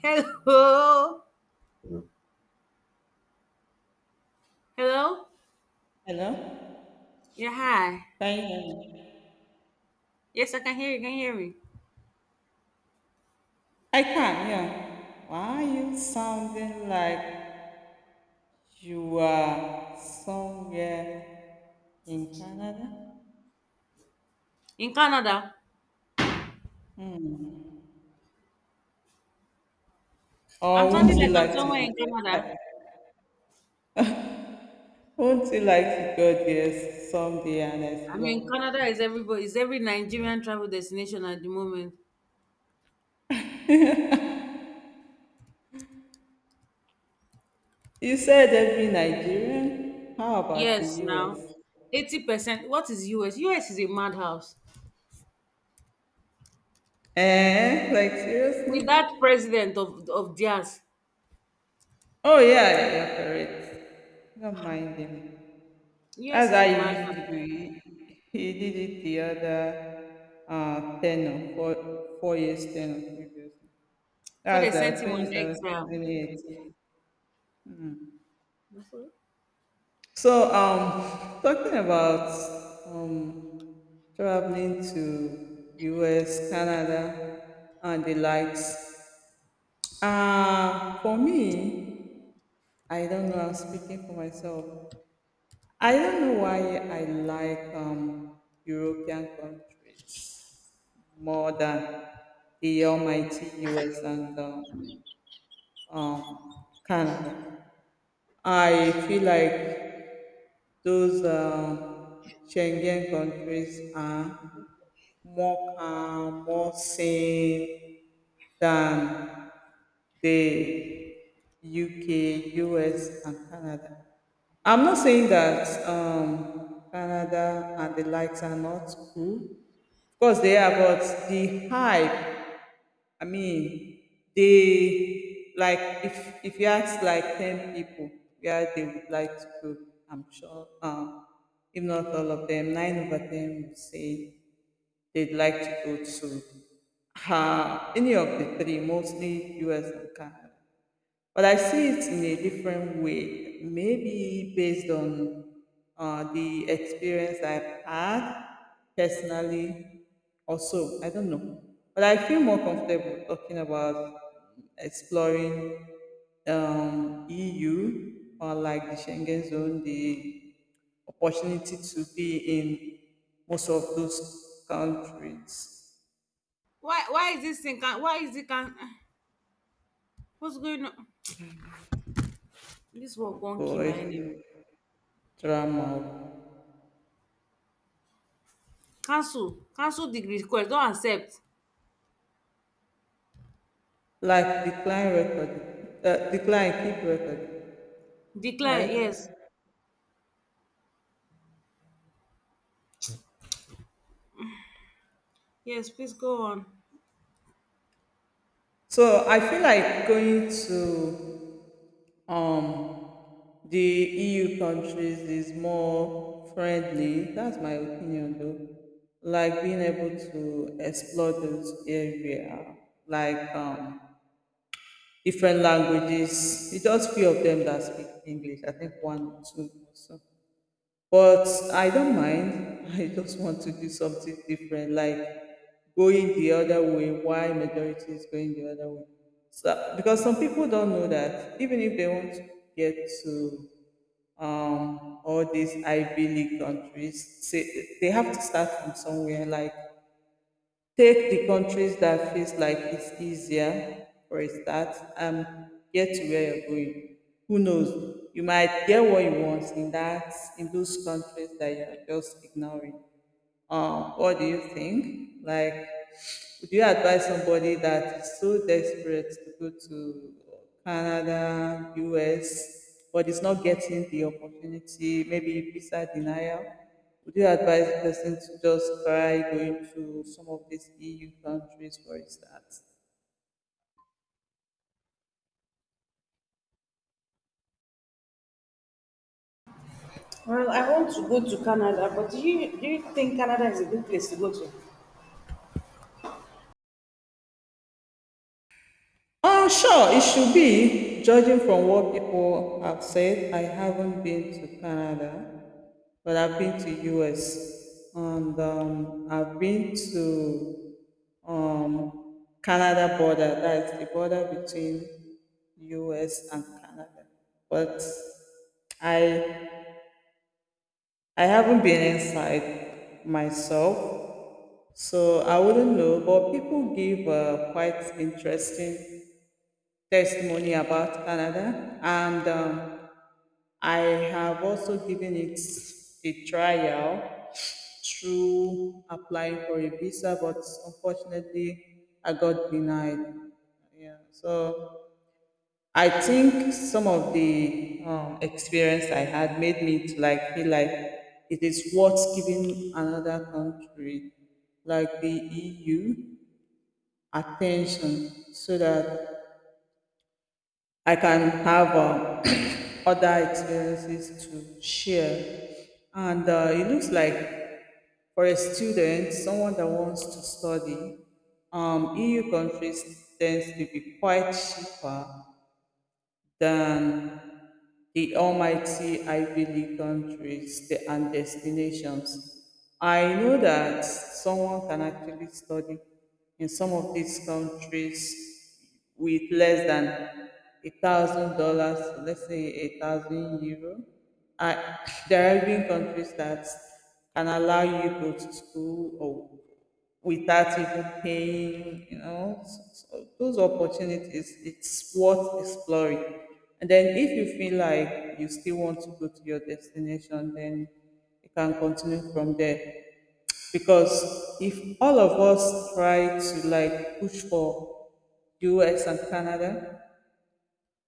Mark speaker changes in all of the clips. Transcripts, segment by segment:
Speaker 1: Hello. Hello.
Speaker 2: Hello?
Speaker 1: Yeah, hi.
Speaker 2: Can you hear me?
Speaker 1: Yes, I can hear you. Can you hear me?
Speaker 2: I can, yeah. Why are you sounding like you are somewhere in Canada?
Speaker 1: In Canada.
Speaker 2: Or
Speaker 1: I'm sounding
Speaker 2: won't you
Speaker 1: like I'm
Speaker 2: like to
Speaker 1: somewhere
Speaker 2: be
Speaker 1: in
Speaker 2: there?
Speaker 1: Canada.
Speaker 2: Won't you like to go there someday and explore?
Speaker 1: Canada is every Nigerian travel destination at the moment.
Speaker 2: You said every Nigerian. How about the
Speaker 1: Yes, now.
Speaker 2: US?
Speaker 1: 80%. What is US? US is a madhouse.
Speaker 2: Eh? Like
Speaker 1: With that
Speaker 2: seriously?
Speaker 1: president of theirs,
Speaker 2: Oh yeah, yeah, you're correct. Don't mind him.
Speaker 1: US
Speaker 2: That's
Speaker 1: is
Speaker 2: how
Speaker 1: a
Speaker 2: he used to
Speaker 1: madhouse.
Speaker 2: do it. He did it the other tenor, 4 years tenor previously.
Speaker 1: For they
Speaker 2: That's
Speaker 1: sent him on exile.
Speaker 2: 2017. Mm. Talking about um, traveling to US, Canada, and the likes. For me, I don't know, I'm speaking for myself. I don't know why I like European countries more than the almighty US and um, Canada. I feel like those Schengen countries are more calm, more sane than the UK, US, and Canada. I'm not saying that Canada and the likes are not cool. Of course, they are, but the hype, I mean, they like if you ask like 10 people where they would like to go, I'm sure if not all of them, nine over them would say they'd like to go to any of the three, mostly US and Canada. But I see it in a different way, maybe based on the experience I've had personally, or so. I don't know. But I feel more comfortable talking about exploring EU or like the Schengen zone, the opportunity to be in most of those countries.
Speaker 1: Why is this thing can why is it can what's going on? This work won't kill my enemy.
Speaker 2: Boy, drama.
Speaker 1: Cancel. Cancel the request. Don't accept.
Speaker 2: Like decline record, decline keep record,
Speaker 1: Decline. Yes.
Speaker 2: right?
Speaker 1: Yes, please go on.
Speaker 2: So I feel like going to um the EU countries is more friendly. That's my opinion, though. Like being able to explore those area, like different languages. It's just few of them that speak English. I think one or two. Or so. But I don't mind. I just want to do something different, like going the other way. Why majority is going the other way? So because some people don't know that even if they want to get to all these Ivy League countries, say, they have to start from somewhere. Like take the countries that feels like it's easier for a start and get to where you're going. Who knows? You might get what you want in that in those countries that you're just ignoring. What do you think? Like, would you advise somebody that is so desperate to go to Canada, US, but is not getting the opportunity, maybe visa denial? Would you advise the person to just try going to some of these EU countries for a start?
Speaker 1: It's a good place to go to.
Speaker 2: Oh sure, it should be. Judging from what people have said, I haven't been to Canada, but I've been to US, and I've been to Canada border. That's the border between US and Canada. But I I haven't been inside myself, so I wouldn't know. But people give quite interesting testimony about Canada, and I have also given it a trial through applying for a visa, but unfortunately, I got denied. Yeah, so I think some of the experience I had made me to like feel like it is worth giving another country like the EU attention so that I can have other experiences to share. And it looks like for a student, someone that wants to study, EU countries tends to be quite cheaper than the almighty Ivy League countries and destinations. I know that someone can actually study in some of these countries with less than $1,000, let's say €1,000. I, there are even countries that can allow you to go to school or without even paying, you know. So those opportunities, it's worth exploring. And then if you feel like you still want to go to your destination, then you can continue from there. Because if all of us try to like push for US and Canada,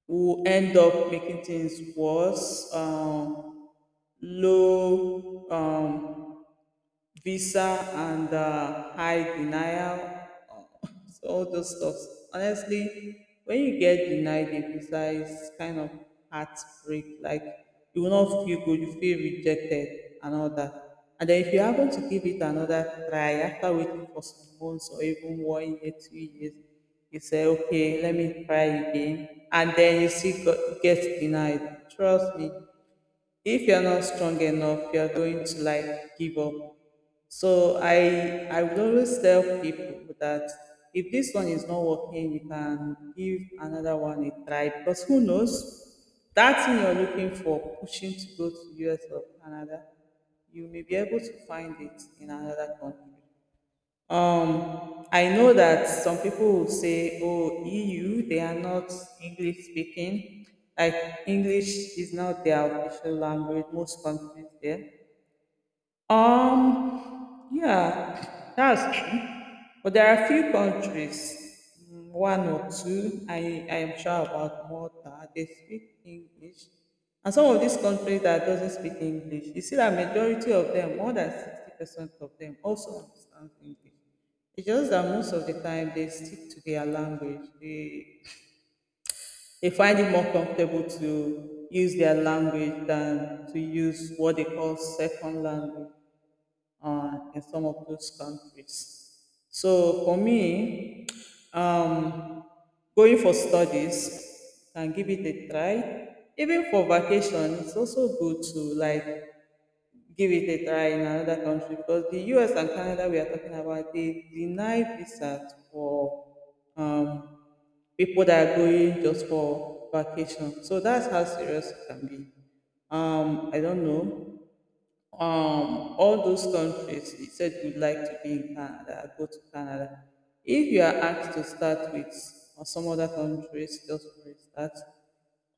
Speaker 2: we'll end up making things worse, low visa and high denial, so all those stuff. Honestly, when you get denied a visa, it's kind of heartbreak. Like you will not feel good, you feel rejected and all that. And then if you happen to give it another try after waiting for some months or even 1 year, 2 years, you say, okay, let me try again. And then get denied. Trust me, if you're not strong enough you're going to like give up. So I would always tell people that if this one is not working you can give another one a try, because who knows that thing you're looking for pushing to go to US or Canada, you may be able to find it in another country. I know that some people would say, oh, EU, they are not English speaking. Like, English is not their official language, most countries there. Yeah, that's true. But there are a few countries, one or two, I am sure about Malta, they speak English. And some of these countries that doesn't speak English, you see that majority of them, more than 60% of them also understand English. It's just that most of the time they stick to their language. They find it more comfortable to use their language than to use what they call second language in some of those countries. So for me, um, going for studies can give it a try. Even for vacation, it's also good to like give it a try in another country because the US and Canada we are talking about they deny visas for um, people that are going just for vacation. So that's how serious it can be. I don't know, all those countries you said you'd like to be in Canada, go to Canada, if you are asked to start with or some other countries just for a start,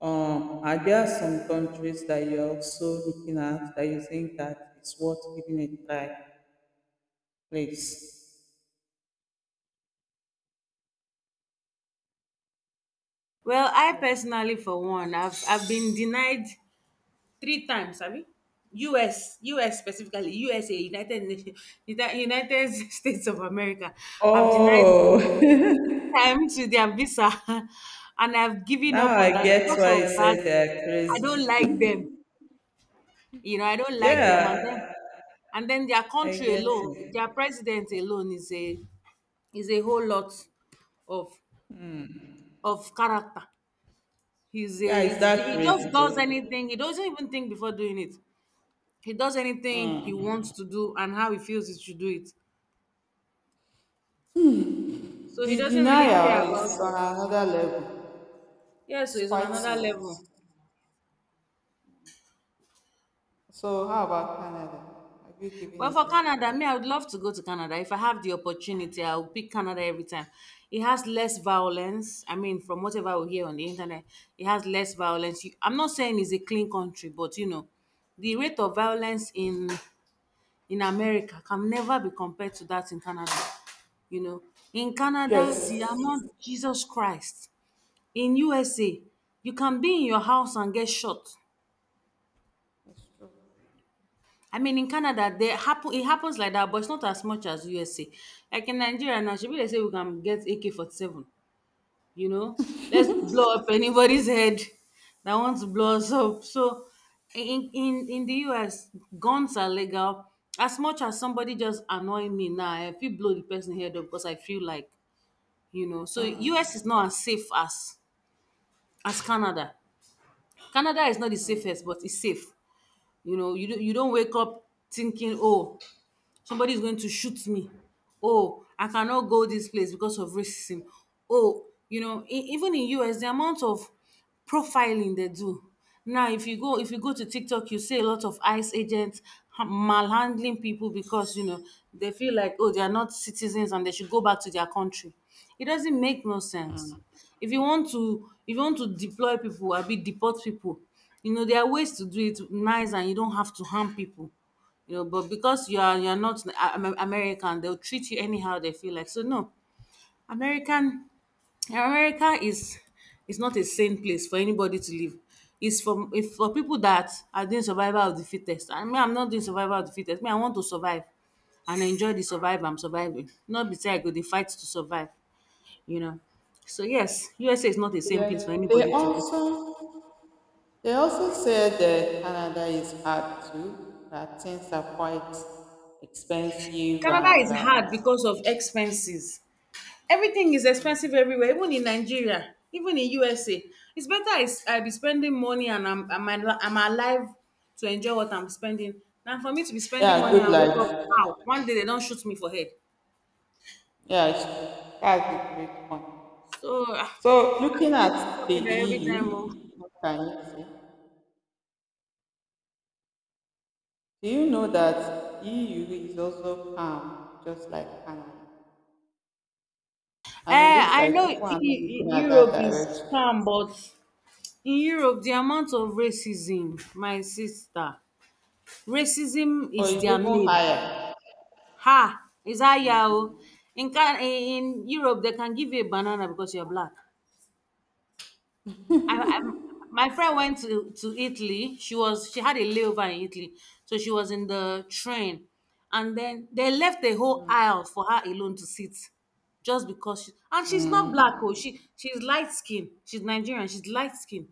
Speaker 2: are there some countries that you're also looking at that you think that it's worth giving a try, please?
Speaker 1: Well, I personally, for one, I've been denied three times. I mean, U.S. specifically, USA, United Nations, United States of America, have denied
Speaker 2: Oh.
Speaker 1: me three times with their visa, and I've given
Speaker 2: Now
Speaker 1: up on
Speaker 2: I
Speaker 1: that
Speaker 2: get
Speaker 1: because
Speaker 2: why
Speaker 1: of
Speaker 2: you
Speaker 1: that.
Speaker 2: said they're
Speaker 1: I don't
Speaker 2: crazy.
Speaker 1: like them. You know, I don't like them, and then
Speaker 2: Yeah,
Speaker 1: and then their
Speaker 2: I
Speaker 1: country
Speaker 2: get
Speaker 1: alone, their
Speaker 2: it.
Speaker 1: president alone is a whole lot of of character.
Speaker 2: Yeah, it's that
Speaker 1: He just
Speaker 2: crazy
Speaker 1: does
Speaker 2: though.
Speaker 1: anything. He doesn't even think before doing it. He does anything he wants to do and how he feels he should do it. So he
Speaker 2: The
Speaker 1: doesn't really care
Speaker 2: denial
Speaker 1: about
Speaker 2: is on
Speaker 1: it.
Speaker 2: another level.
Speaker 1: Yeah, so
Speaker 2: It's
Speaker 1: he's on
Speaker 2: quite,
Speaker 1: another level.
Speaker 2: so how about Canada? Have you given
Speaker 1: Well,
Speaker 2: it
Speaker 1: for
Speaker 2: a
Speaker 1: Canada,
Speaker 2: try?
Speaker 1: me, I would love to go to Canada. If I have the opportunity, I will pick Canada every time. It has less violence. I mean, from whatever we hear on the internet, it has less violence. You- I'm not saying it's a clean country, but you know, the rate of violence in America can never be compared to that in Canada. You know, in Canada,
Speaker 2: Yes.
Speaker 1: the amount Jesus Christ. In USA, you can be in your house and get shot.
Speaker 2: It's true.
Speaker 1: I mean, in Canada, they happen. It happens like that, but it's not as much as USA. Like in Nigeria now, shebi dey say we can get AK-47, you know, let's blow up anybody's head that wants to blow us up. So in the US, guns are legal. As much as somebody just annoy me now, I feel blow the person head up because I feel like, you know. So US is not as safe as Canada. Canada is not the
Speaker 2: Mm.
Speaker 1: safest, but it's safe, you know. You, do, not You don't wake up thinking, oh, somebody is going to shoot me, oh I cannot go this place because of racism. Oh, you know, even in US the amount of profiling they do now. If you go to TikTok, you see a lot of ICE agents malhandling people because, you know, they feel like, oh, they are not citizens and they should go back to their country. It doesn't make no sense. If you want to, if you want to deploy people, I'd be deport people. You know, there are ways to do it nice and you don't have to harm people, you know. But because you're not a- Am- American, they'll treat you anyhow they feel like. So no, American, America is not a sane place for anybody to live. It's for, if for, people that are doing survival of the fittest. I mean, I'm not doing survival of the fittest. Me, I want to survive and enjoy the survive I'm surviving. Not be say I go the fight to survive. You know. So yes, USA is not a same place
Speaker 2: Then
Speaker 1: for anybody to go.
Speaker 2: they also said that Canada is hard too, that things are quite expensive
Speaker 1: Canada
Speaker 2: and
Speaker 1: is hard because of expenses. Everything is expensive everywhere, even in Nigeria, even in USA. It's better I be spending money and I'm alive to enjoy what I'm spending, than for me to be spending
Speaker 2: yeah,
Speaker 1: money
Speaker 2: good
Speaker 1: and wake up
Speaker 2: life.
Speaker 1: how one day they don't shoot me for head.
Speaker 2: Yeah, it's true. That's a great point.
Speaker 1: So ah,
Speaker 2: So
Speaker 1: I'm
Speaker 2: looking
Speaker 1: still picking
Speaker 2: at the
Speaker 1: with her every time, oh.
Speaker 2: EU, what can you say? Do you know that EU is also calm, just like Canada, and
Speaker 1: Eh, I know
Speaker 2: one, you go at that
Speaker 1: Europe is
Speaker 2: direction.
Speaker 1: calm, but in Europe the amount of racism, my sister, racism
Speaker 2: Or
Speaker 1: is
Speaker 2: it's
Speaker 1: their
Speaker 2: even
Speaker 1: name.
Speaker 2: higher.
Speaker 1: Ha! Is that, oh, in Europe they can give you a banana because you're black. I My friend went to Italy. She had a layover in Italy, so she was in the train, and then they left a whole aisle for her alone to sit, just because she, and she's not black, oh. She, she's light skinned, she's Nigerian, she's light skinned,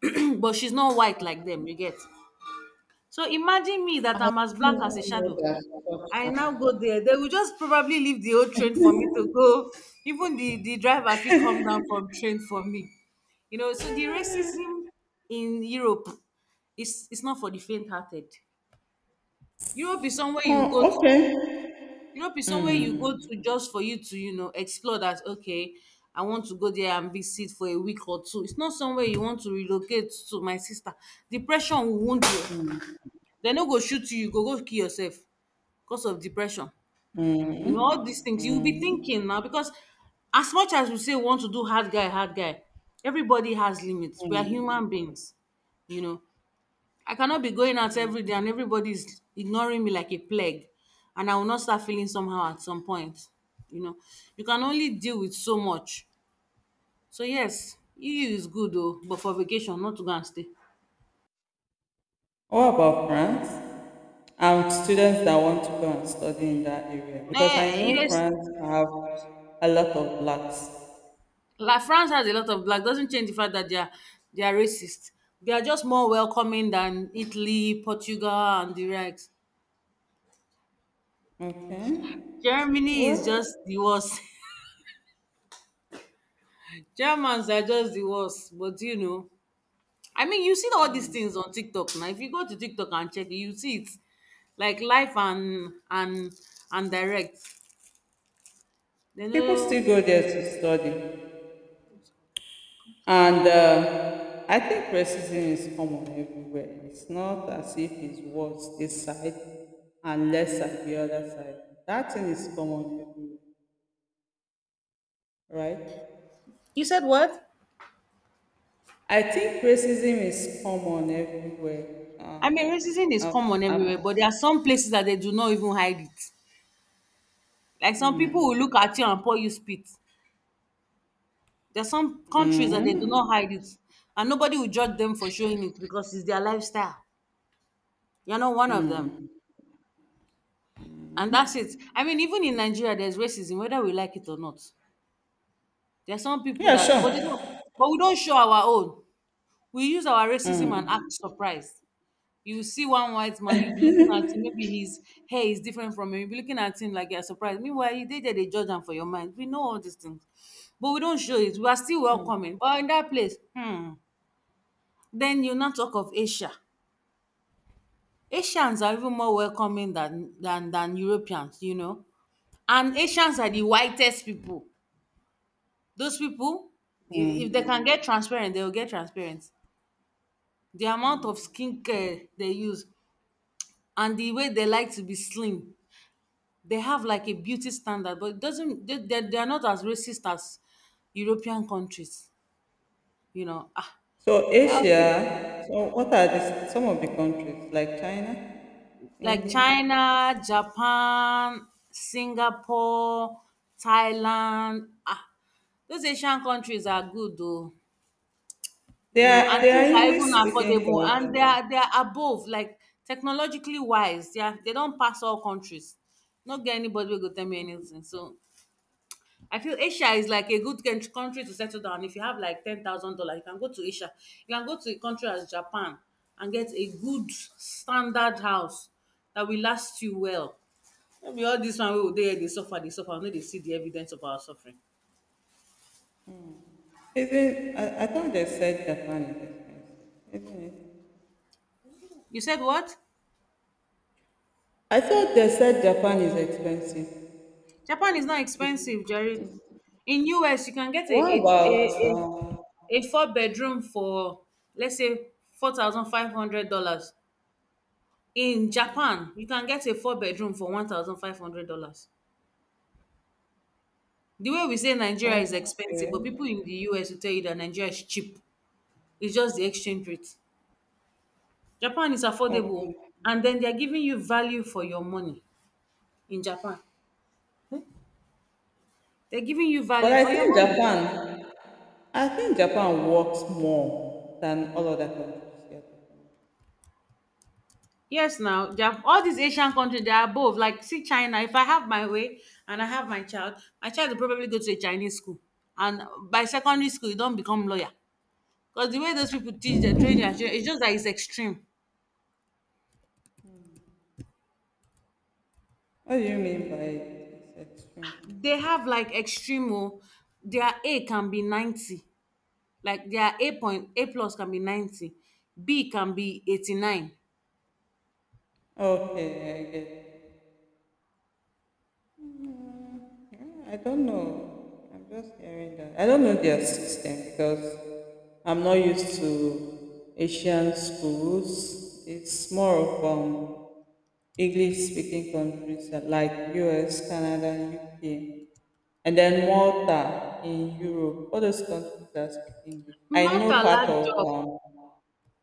Speaker 1: but she's not white like them. You get. So imagine me that I'm as
Speaker 2: You
Speaker 1: black as a
Speaker 2: know
Speaker 1: shadow.
Speaker 2: that stops
Speaker 1: I now go
Speaker 2: happen.
Speaker 1: there. They will just probably leave the old train for me to go. Even the driver fee come down from train for me. You know, so the racism in Europe is, it's not for the faint hearted. Europe is somewhere you
Speaker 2: Oh,
Speaker 1: go to
Speaker 2: okay.
Speaker 1: Europe is somewhere you go to just for you to, you know, explore that, okay, I want to go there and visit for a week or two. It's not somewhere you want to relocate to, my sister. Depression will wound you.
Speaker 2: Mm.
Speaker 1: They no go shoot you, you go go kill yourself because of depression. You
Speaker 2: Mm.
Speaker 1: know, all these things you'll be
Speaker 2: Mm.
Speaker 1: thinking now, because as much as we say we want to do hard guy, everybody has limits. We are human beings. You know, I cannot be going out every day and everybody's ignoring me like a plague. And I will not start feeling somehow at some point. You know, you can only deal with so much. So yes, EU is good though, but for vacation, not to go and stay.
Speaker 2: What about France? And students that want to go and study in that area? Because I
Speaker 1: Eh,
Speaker 2: know
Speaker 1: yes,
Speaker 2: France have a lot of blacks.
Speaker 1: like France has a lot of black doesn't change the fact that they are racist. They are just more welcoming than Italy, Portugal, and the rest.
Speaker 2: Okay.
Speaker 1: Germany is
Speaker 2: Well,
Speaker 1: just the worst. Germans are just the worst. But you know, I mean, you see all these things on TikTok now. If you go to TikTok and check, it, you see it like live and direct. They
Speaker 2: people
Speaker 1: know.
Speaker 2: still go there to study. And I think racism is common everywhere. It's not as if it's worse this side and lesser the other side. That thing is common everywhere, right?
Speaker 1: You said what?
Speaker 2: I think racism is common everywhere.
Speaker 1: I
Speaker 2: Uh,
Speaker 1: mean, racism is
Speaker 2: I,
Speaker 1: common everywhere,
Speaker 2: I'm,
Speaker 1: but there are some places that they do not even hide it. Like some people will look at you and pour you spit. There are some countries that they do
Speaker 2: mm,
Speaker 1: not hide it, and nobody will judge them for showing it because it's their lifestyle. You're not one of them. And that's it. I mean, even in Nigeria, there's racism, whether we like it or not. There are some people
Speaker 2: yeah,
Speaker 1: that, but they don't,
Speaker 2: sure.
Speaker 1: but we don't show our own. We use our racism and act surprised. You see one white man, you be looking at him, maybe his hair is different from him. You be looking at him like you're surprised. Meanwhile, you did they judge them for your mind. We know all these things. But we don't show it. We are still welcoming. But in that place, hmm, then you now talk of Asia. Asians are even more welcoming than than Europeans, you know. And Asians are the whitest people. Those people, if they can
Speaker 2: Mm.
Speaker 1: get transparent, they will get transparent. The amount of skincare they use and the way they like to be slim, they have like a beauty standard, but it doesn't, they are not as racist as European countries, you know. Ah,
Speaker 2: So
Speaker 1: yeah, I'll pick
Speaker 2: Asia. So what are the, some of the countries like China,
Speaker 1: like
Speaker 2: India?
Speaker 1: China, Japan, Singapore, Thailand. Ah, those Asian countries are good though, you know, and
Speaker 2: They
Speaker 1: things
Speaker 2: are
Speaker 1: are
Speaker 2: English
Speaker 1: even
Speaker 2: speaking
Speaker 1: affordable and
Speaker 2: countries.
Speaker 1: they are above like technologically wise. They are, they don't pass all countries. Not get anybody will go tell me anything. So I feel Asia is like a good country to settle down. If you have like $10,000, you can go to Asia. You can go to a country as Japan and get a good standard house that will last you well. No be all this one wey we dey here dey suffer we no dey see the evidence of our suffering.
Speaker 2: Isn't, I thought they said Japan is expensive, isn't it?
Speaker 1: You said what?
Speaker 2: I thought they said Japan is expensive.
Speaker 1: Japan is not expensive, Jerry.
Speaker 2: Is-
Speaker 1: In US, you can get
Speaker 2: what about,
Speaker 1: a four bedroom for let's say $4,500. In Japan, you can get a four bedroom for $1,500. The way we say Nigeria is expensive,
Speaker 2: okay,
Speaker 1: but people in the US will tell you that Nigeria is cheap. It's just the exchange rate. Japan is affordable,
Speaker 2: okay.
Speaker 1: and then they're giving you value for your money in Japan. Hmm? They're giving you
Speaker 2: But
Speaker 1: value for your money.
Speaker 2: I think Japan works more than all other countries together.
Speaker 1: Yes, now they have all these Asian countries. They are both like, see China. If I have my way and I have my child will probably go to a Chinese school, and by secondary school, you don't become lawyer because the way those people teach their training, it's just that it's extreme.
Speaker 2: What do you mean by it's extreme?
Speaker 1: They have like extreme. Oh, their A can be 90, like their A point A plus can be 90, B can be 89.
Speaker 2: Okay, I get I don't know. I'm just hearing that. I don't know their system because I'm not used to Asian schools. It's more of English speaking countries that like US, Canada, UK, and then Malta in Europe. All those countries that speak English. I
Speaker 1: Malta
Speaker 2: know part
Speaker 1: lack
Speaker 2: of
Speaker 1: job.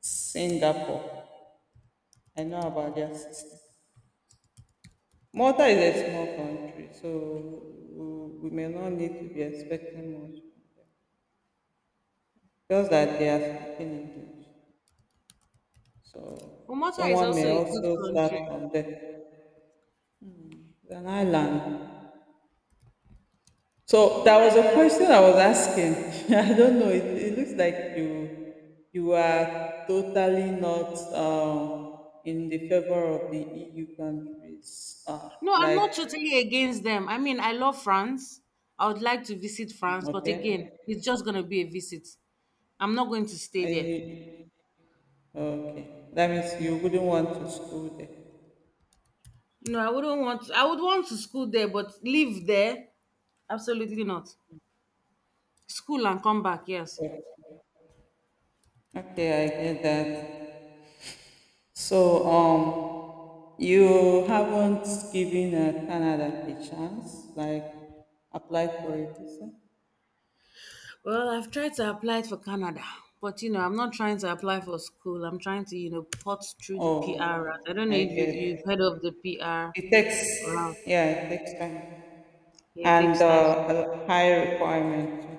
Speaker 2: Singapore. I know about their system. Malta is a small country, so we may not need to be expecting much. Just like they are speaking English. So
Speaker 1: Malta is
Speaker 2: someone
Speaker 1: also
Speaker 2: may
Speaker 1: a good
Speaker 2: also start
Speaker 1: country.
Speaker 2: from there. It's an island. So there
Speaker 1: Malta
Speaker 2: was a
Speaker 1: is
Speaker 2: question I was asking. I don't know. It looks like you are totally not in the favor of the EU countries.
Speaker 1: No, I'm
Speaker 2: Like
Speaker 1: not totally against them. I mean, I love France. I would like to visit France, but again,
Speaker 2: okay,
Speaker 1: it's just going to be a visit. I'm not going to stay
Speaker 2: I,
Speaker 1: there.
Speaker 2: okay. That means you wouldn't want to school there.
Speaker 1: No, I wouldn't want I would want to school there, but live there? Absolutely not. School and come back, yes.
Speaker 2: Okay, I get that. So, you haven't given Canada a chance, like apply for a visa?
Speaker 1: Well, I've tried to apply for Canada, but I'm not trying to apply for school. I'm trying to put through the PR route. I
Speaker 2: Oh,
Speaker 1: don't know
Speaker 2: I
Speaker 1: if you've
Speaker 2: get
Speaker 1: heard of the PR
Speaker 2: it
Speaker 1: route.
Speaker 2: takes, yeah, it takes time
Speaker 1: Yeah, it
Speaker 2: and
Speaker 1: takes time.
Speaker 2: a high requirement, too.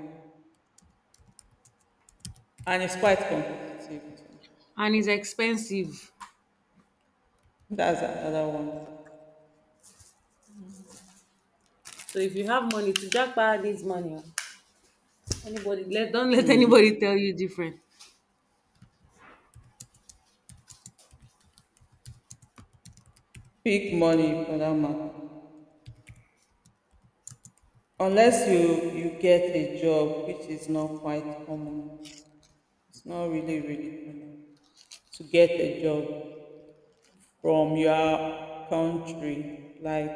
Speaker 2: And it's quite competitive too.
Speaker 1: And it's expensive.
Speaker 2: That's another one.
Speaker 1: So if you have money to jackpot this money, oh. anybody let don't let anybody tell you different.
Speaker 2: Big money for that matter. Unless you get a job, which is not quite common. It's not really common to get a job from your country, like,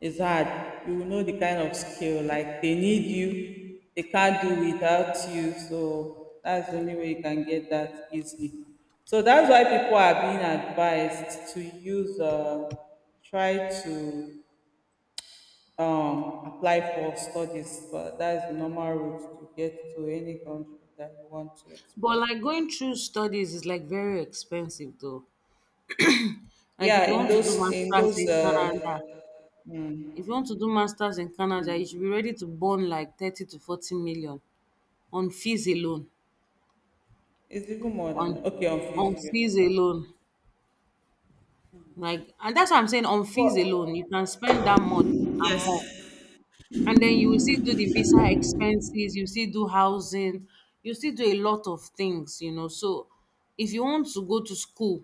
Speaker 2: it's hard. You will know the kind of skill, like, they need you, they can't do without you, so that's the only way you can get that easily. So that's why people are being advised to use try to apply for studies. But that's the normal route to get to any country that you want to
Speaker 1: But
Speaker 2: explore.
Speaker 1: like going through studies is like very expensive though. Like if
Speaker 2: Yeah,
Speaker 1: you
Speaker 2: in
Speaker 1: want to
Speaker 2: those,
Speaker 1: do masters in Canada, if you want to do masters in Canada, you should be ready to burn like 30 to 40 million on fees alone.
Speaker 2: it's even more than
Speaker 1: On
Speaker 2: okay on
Speaker 1: on
Speaker 2: physio.
Speaker 1: fees alone. Like and that's what I'm saying, on fees alone, you can spend that much and more. And then you will still do the visa expenses, you still do housing, you still do a lot of things, so if you want to go to school,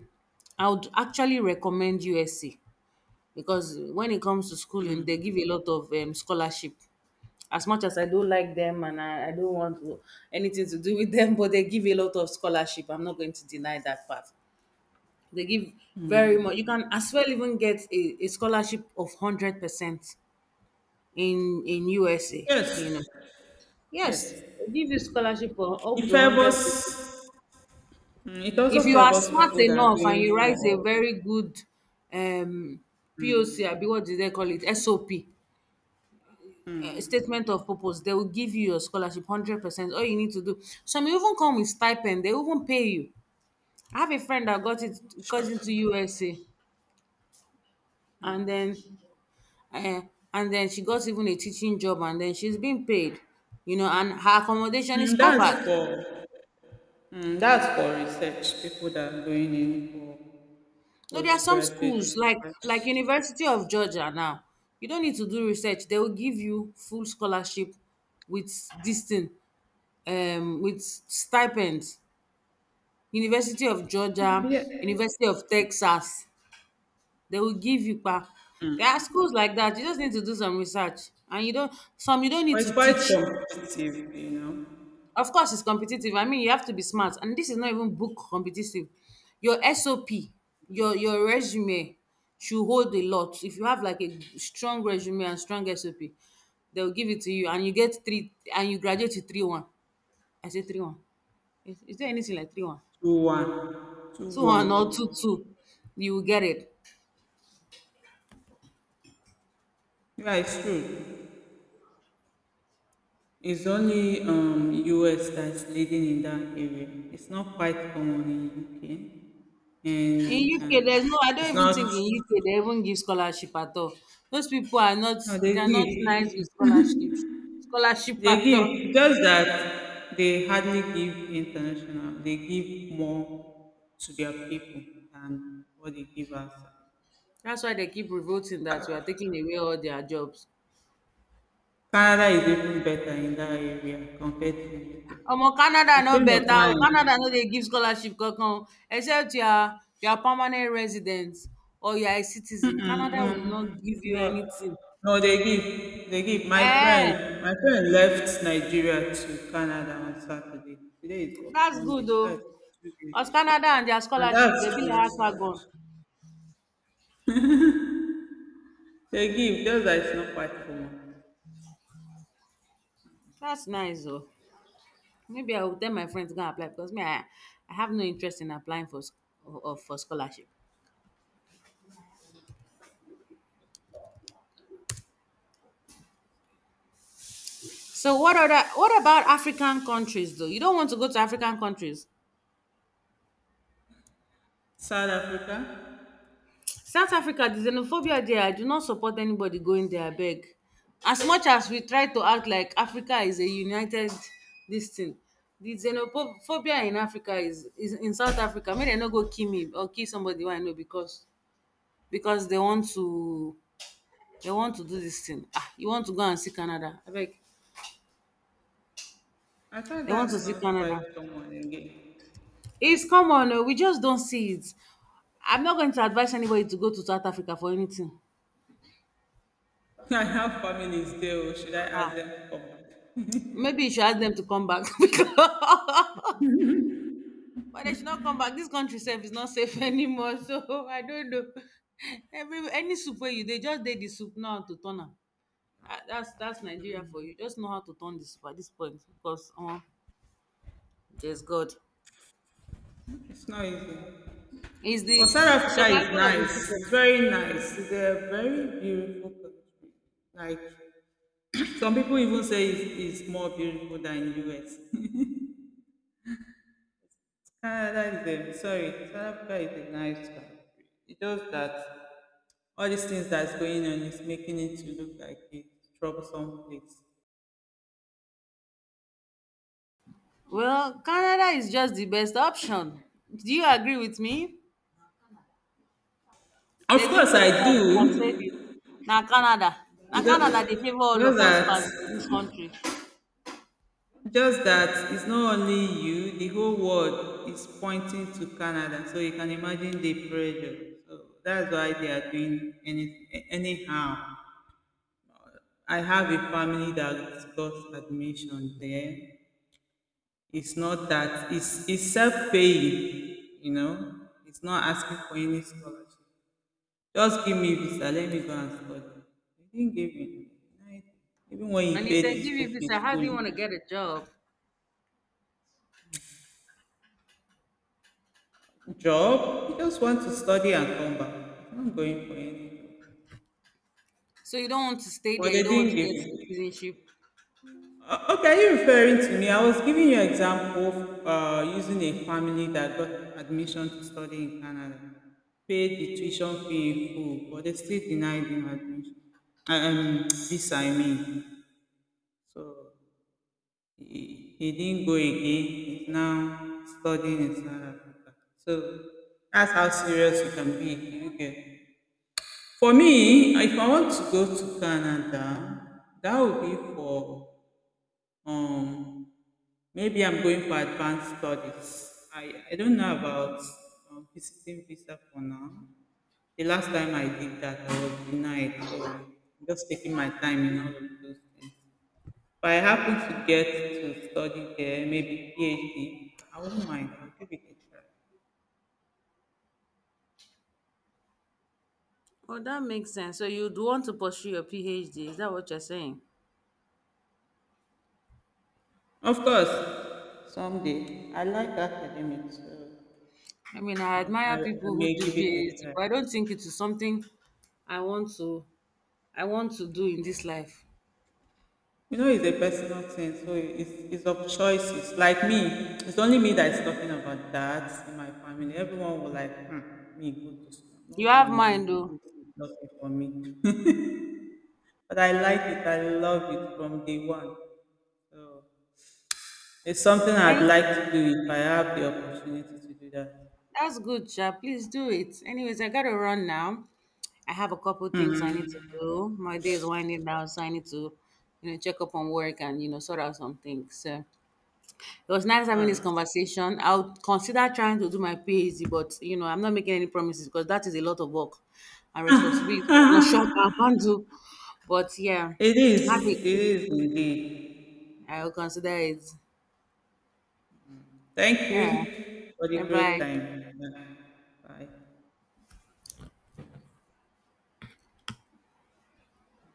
Speaker 1: I would actually recommend USC because when it comes to schooling, they give a lot of scholarship. As much as I don't like them and I don't want anything to do with them, but they give a lot of scholarship. I'm not going to deny that part. They give very much. You can as well even get a scholarship of 100% in USA,
Speaker 2: Yes,
Speaker 1: Yes,
Speaker 2: yes.
Speaker 1: they give you scholarship for up
Speaker 2: It
Speaker 1: to 100 people.
Speaker 2: favors, it
Speaker 1: If
Speaker 2: also
Speaker 1: you are
Speaker 2: favors
Speaker 1: smart
Speaker 2: people that are
Speaker 1: enough and
Speaker 2: going
Speaker 1: you write a
Speaker 2: for,
Speaker 1: very good um, POC, I be what do they call it? SOP, statement of purpose. They will give you your scholarship 100%. All you need to do. Some even come with stipend. They even pay you. I have a friend that got into USA, and uh, then she got even a teaching job, and then she's being paid. You know, and her accommodation is
Speaker 2: that's
Speaker 1: covered.
Speaker 2: for, that's for research, people that are going in for
Speaker 1: So there are some
Speaker 2: postgraduate
Speaker 1: schools like
Speaker 2: research.
Speaker 1: University of Georgia now. You don't need to do research. They will give you full scholarship with this thing, with stipends. University of Georgia, University of Texas. They will give you pa. There are schools like that. You just need to do some research. And you don't
Speaker 2: But
Speaker 1: need
Speaker 2: it's
Speaker 1: to
Speaker 2: quite
Speaker 1: teach.
Speaker 2: competitive, you know.
Speaker 1: Of course, it's competitive. I mean, you have to be smart. And this is not even book competitive. Your SOP, your resume should hold a lot. If you have like a strong resume and strong SOP, they'll give it to you and you get three and you graduate with 3-1. I say 3-1. Is there anything like 3-1?
Speaker 2: 2-1,
Speaker 1: Two
Speaker 2: 2-1.
Speaker 1: one or 2-2. You will get it.
Speaker 2: Yeah, it's true. It's only US that's leading in that area. It's not quite common in UK.
Speaker 1: In
Speaker 2: And
Speaker 1: UK, there's no I
Speaker 2: it's
Speaker 1: don't even
Speaker 2: not,
Speaker 1: think in UK they even give scholarship at all. Those people are not,
Speaker 2: No, they
Speaker 1: they are not nice
Speaker 2: give.
Speaker 1: with scholarship
Speaker 2: They
Speaker 1: at all.
Speaker 2: give, just that they hardly give international. They give more to their people than what they give us.
Speaker 1: That's why they keep revolting that we are taking away all their jobs.
Speaker 2: Canada is even better in that area compared to
Speaker 1: Omo Canada
Speaker 2: UK. A
Speaker 1: no
Speaker 2: friend of
Speaker 1: better
Speaker 2: mine,
Speaker 1: o. Canada no dey give scholarship kankan o except you are permanent resident or you are a citizen.
Speaker 2: mm-mm,
Speaker 1: Canada will not
Speaker 2: mm,
Speaker 1: give you
Speaker 2: no,
Speaker 1: anything.
Speaker 2: no, they give, they give. My friend,
Speaker 1: Eh,
Speaker 2: my friend left Nigeria to Canada on Saturday. Today is what,
Speaker 1: that's
Speaker 2: Monday.
Speaker 1: good o.
Speaker 2: That's 2 days
Speaker 1: Cos
Speaker 2: ago.
Speaker 1: Canada and their
Speaker 2: And
Speaker 1: scholarship
Speaker 2: that's
Speaker 1: dey be
Speaker 2: true
Speaker 1: like
Speaker 2: scholarship.
Speaker 1: akpagun.
Speaker 2: They give, just that it's not quite common.
Speaker 1: That's nice o. Maybe I will tell my friends to go and apply because me I have no interest in applying for sc- of for scholarship. So what about African countries though? You don't want to go to African countries?
Speaker 2: South Africa,
Speaker 1: South Africa, the xenophobia there, I do not support anybody going there, abeg. As much as we try to act like Africa is a united this thing, the xenophobia in Africa is in South Africa. Make dem no go kill me or kill somebody wey I know, because they want to do this thing. Ah, you want to go and see Canada, abeg.
Speaker 2: I thought
Speaker 1: They want
Speaker 2: that's
Speaker 1: to see
Speaker 2: not quite
Speaker 1: Canada.
Speaker 2: common again.
Speaker 1: It's common oo, we just don't see it. I'm not going to advise anybody to go to South Africa for anything.
Speaker 2: I have families there, or should I ask
Speaker 1: Ah,
Speaker 2: them to come back?
Speaker 1: maybe you should ask them to come back because but they should not come back. This country safe is not safe anymore. So I don't know. Every Any soup where you they just did the soup now to turn am. Ah, That's Nigeria for you. Just know how to turn the soup at this point because there's God.
Speaker 2: It's not easy.
Speaker 1: Is the
Speaker 2: But South Africa is
Speaker 1: survival of the
Speaker 2: nice,
Speaker 1: people.
Speaker 2: it's very nice. It's a very beautiful country. Like, some people even say it's more beautiful than US. Canada is a, sorry, South Africa is a nice country. It's just that all these things that's going on is making it to look like a troublesome place.
Speaker 1: Well, Canada is just the best option. Do you agree with me?
Speaker 2: Of
Speaker 1: There's
Speaker 2: course
Speaker 1: even a
Speaker 2: I
Speaker 1: song that said
Speaker 2: do.
Speaker 1: it. Now Canada, now
Speaker 2: ju-
Speaker 1: Canada, they favor all
Speaker 2: Just
Speaker 1: of us
Speaker 2: that,
Speaker 1: past this country.
Speaker 2: just that it's not only you, the whole world is pointing to Canada. So you can imagine the pressure. So that's why they are doing any, anyhow. I have a family that got admission there. It's not that it's self paying, you know. It's not asking for any scholarship. Just give me visa, let me go and study. He didn't give me. Like, even when he
Speaker 1: And if
Speaker 2: paid
Speaker 1: they
Speaker 2: the
Speaker 1: give
Speaker 2: school
Speaker 1: you
Speaker 2: fees
Speaker 1: visa, how do you
Speaker 2: fully.
Speaker 1: want to get a job?
Speaker 2: Job, he just want to study and come back, he's not going for any job.
Speaker 1: So you don't want to stay
Speaker 2: But
Speaker 1: there.
Speaker 2: they
Speaker 1: You don't want
Speaker 2: didn't
Speaker 1: to
Speaker 2: give
Speaker 1: get
Speaker 2: me.
Speaker 1: citizenship.
Speaker 2: Okay, are you referring to me? I was giving you example of, using a family that got admission to study in Canada, paid the tuition fee in full, but they still denied him admission. Um Visa, I mean. So he didn't go again. He's now studying in South Africa. So that's how serious you can be. Okay. For me, if I want to go to Canada, that would be for, um maybe I'm going for advanced studies. I don't know about visiting visa for now. The last time I did that, I was denied. So I'm just taking my time in all of those things. If I happen to get to study there, maybe PhD, I wouldn't mind. I'll give it a try.
Speaker 1: Oh, that makes sense. So you'd want to pursue your PhD. Is that what you're saying?
Speaker 2: Of course, someday. I like academics, so
Speaker 1: I mean, I
Speaker 2: I,
Speaker 1: admire
Speaker 2: I
Speaker 1: people
Speaker 2: may
Speaker 1: who do
Speaker 2: give it
Speaker 1: PhD,
Speaker 2: a try.
Speaker 1: but I don't think it is something I want to I want to do in this life.
Speaker 2: You know, it's a personal thing, so it's of choices. Like me, it's only me that's talking about that in my family. Everyone was like, hmm, me go to school. I'm
Speaker 1: You
Speaker 2: not
Speaker 1: have
Speaker 2: going.
Speaker 1: mine
Speaker 2: I
Speaker 1: though.
Speaker 2: think it's nothing for me. But I like it. I love it from day one. So it's something I'd
Speaker 1: Hey,
Speaker 2: like to do if I have the opportunity to do that.
Speaker 1: that's good, Sha. Please do it. Anyways, I gotta run now. I have a couple things I
Speaker 2: Hmm.
Speaker 1: need to do. My day is winding down, so I need to, check up on work and sort out some things. So it was nice
Speaker 2: All
Speaker 1: having this
Speaker 2: right.
Speaker 1: conversation. I'll consider trying to do my PhD, but I'm not making any promises because that is a lot of work and responsibility. I'm not sure I can handle. But yeah,
Speaker 2: It is.
Speaker 1: have a
Speaker 2: It
Speaker 1: good.
Speaker 2: is indeed.
Speaker 1: I'll consider it.
Speaker 2: Thank
Speaker 1: Yeah.
Speaker 2: you for the
Speaker 1: Bye
Speaker 2: great
Speaker 1: bye.
Speaker 2: time. Bye.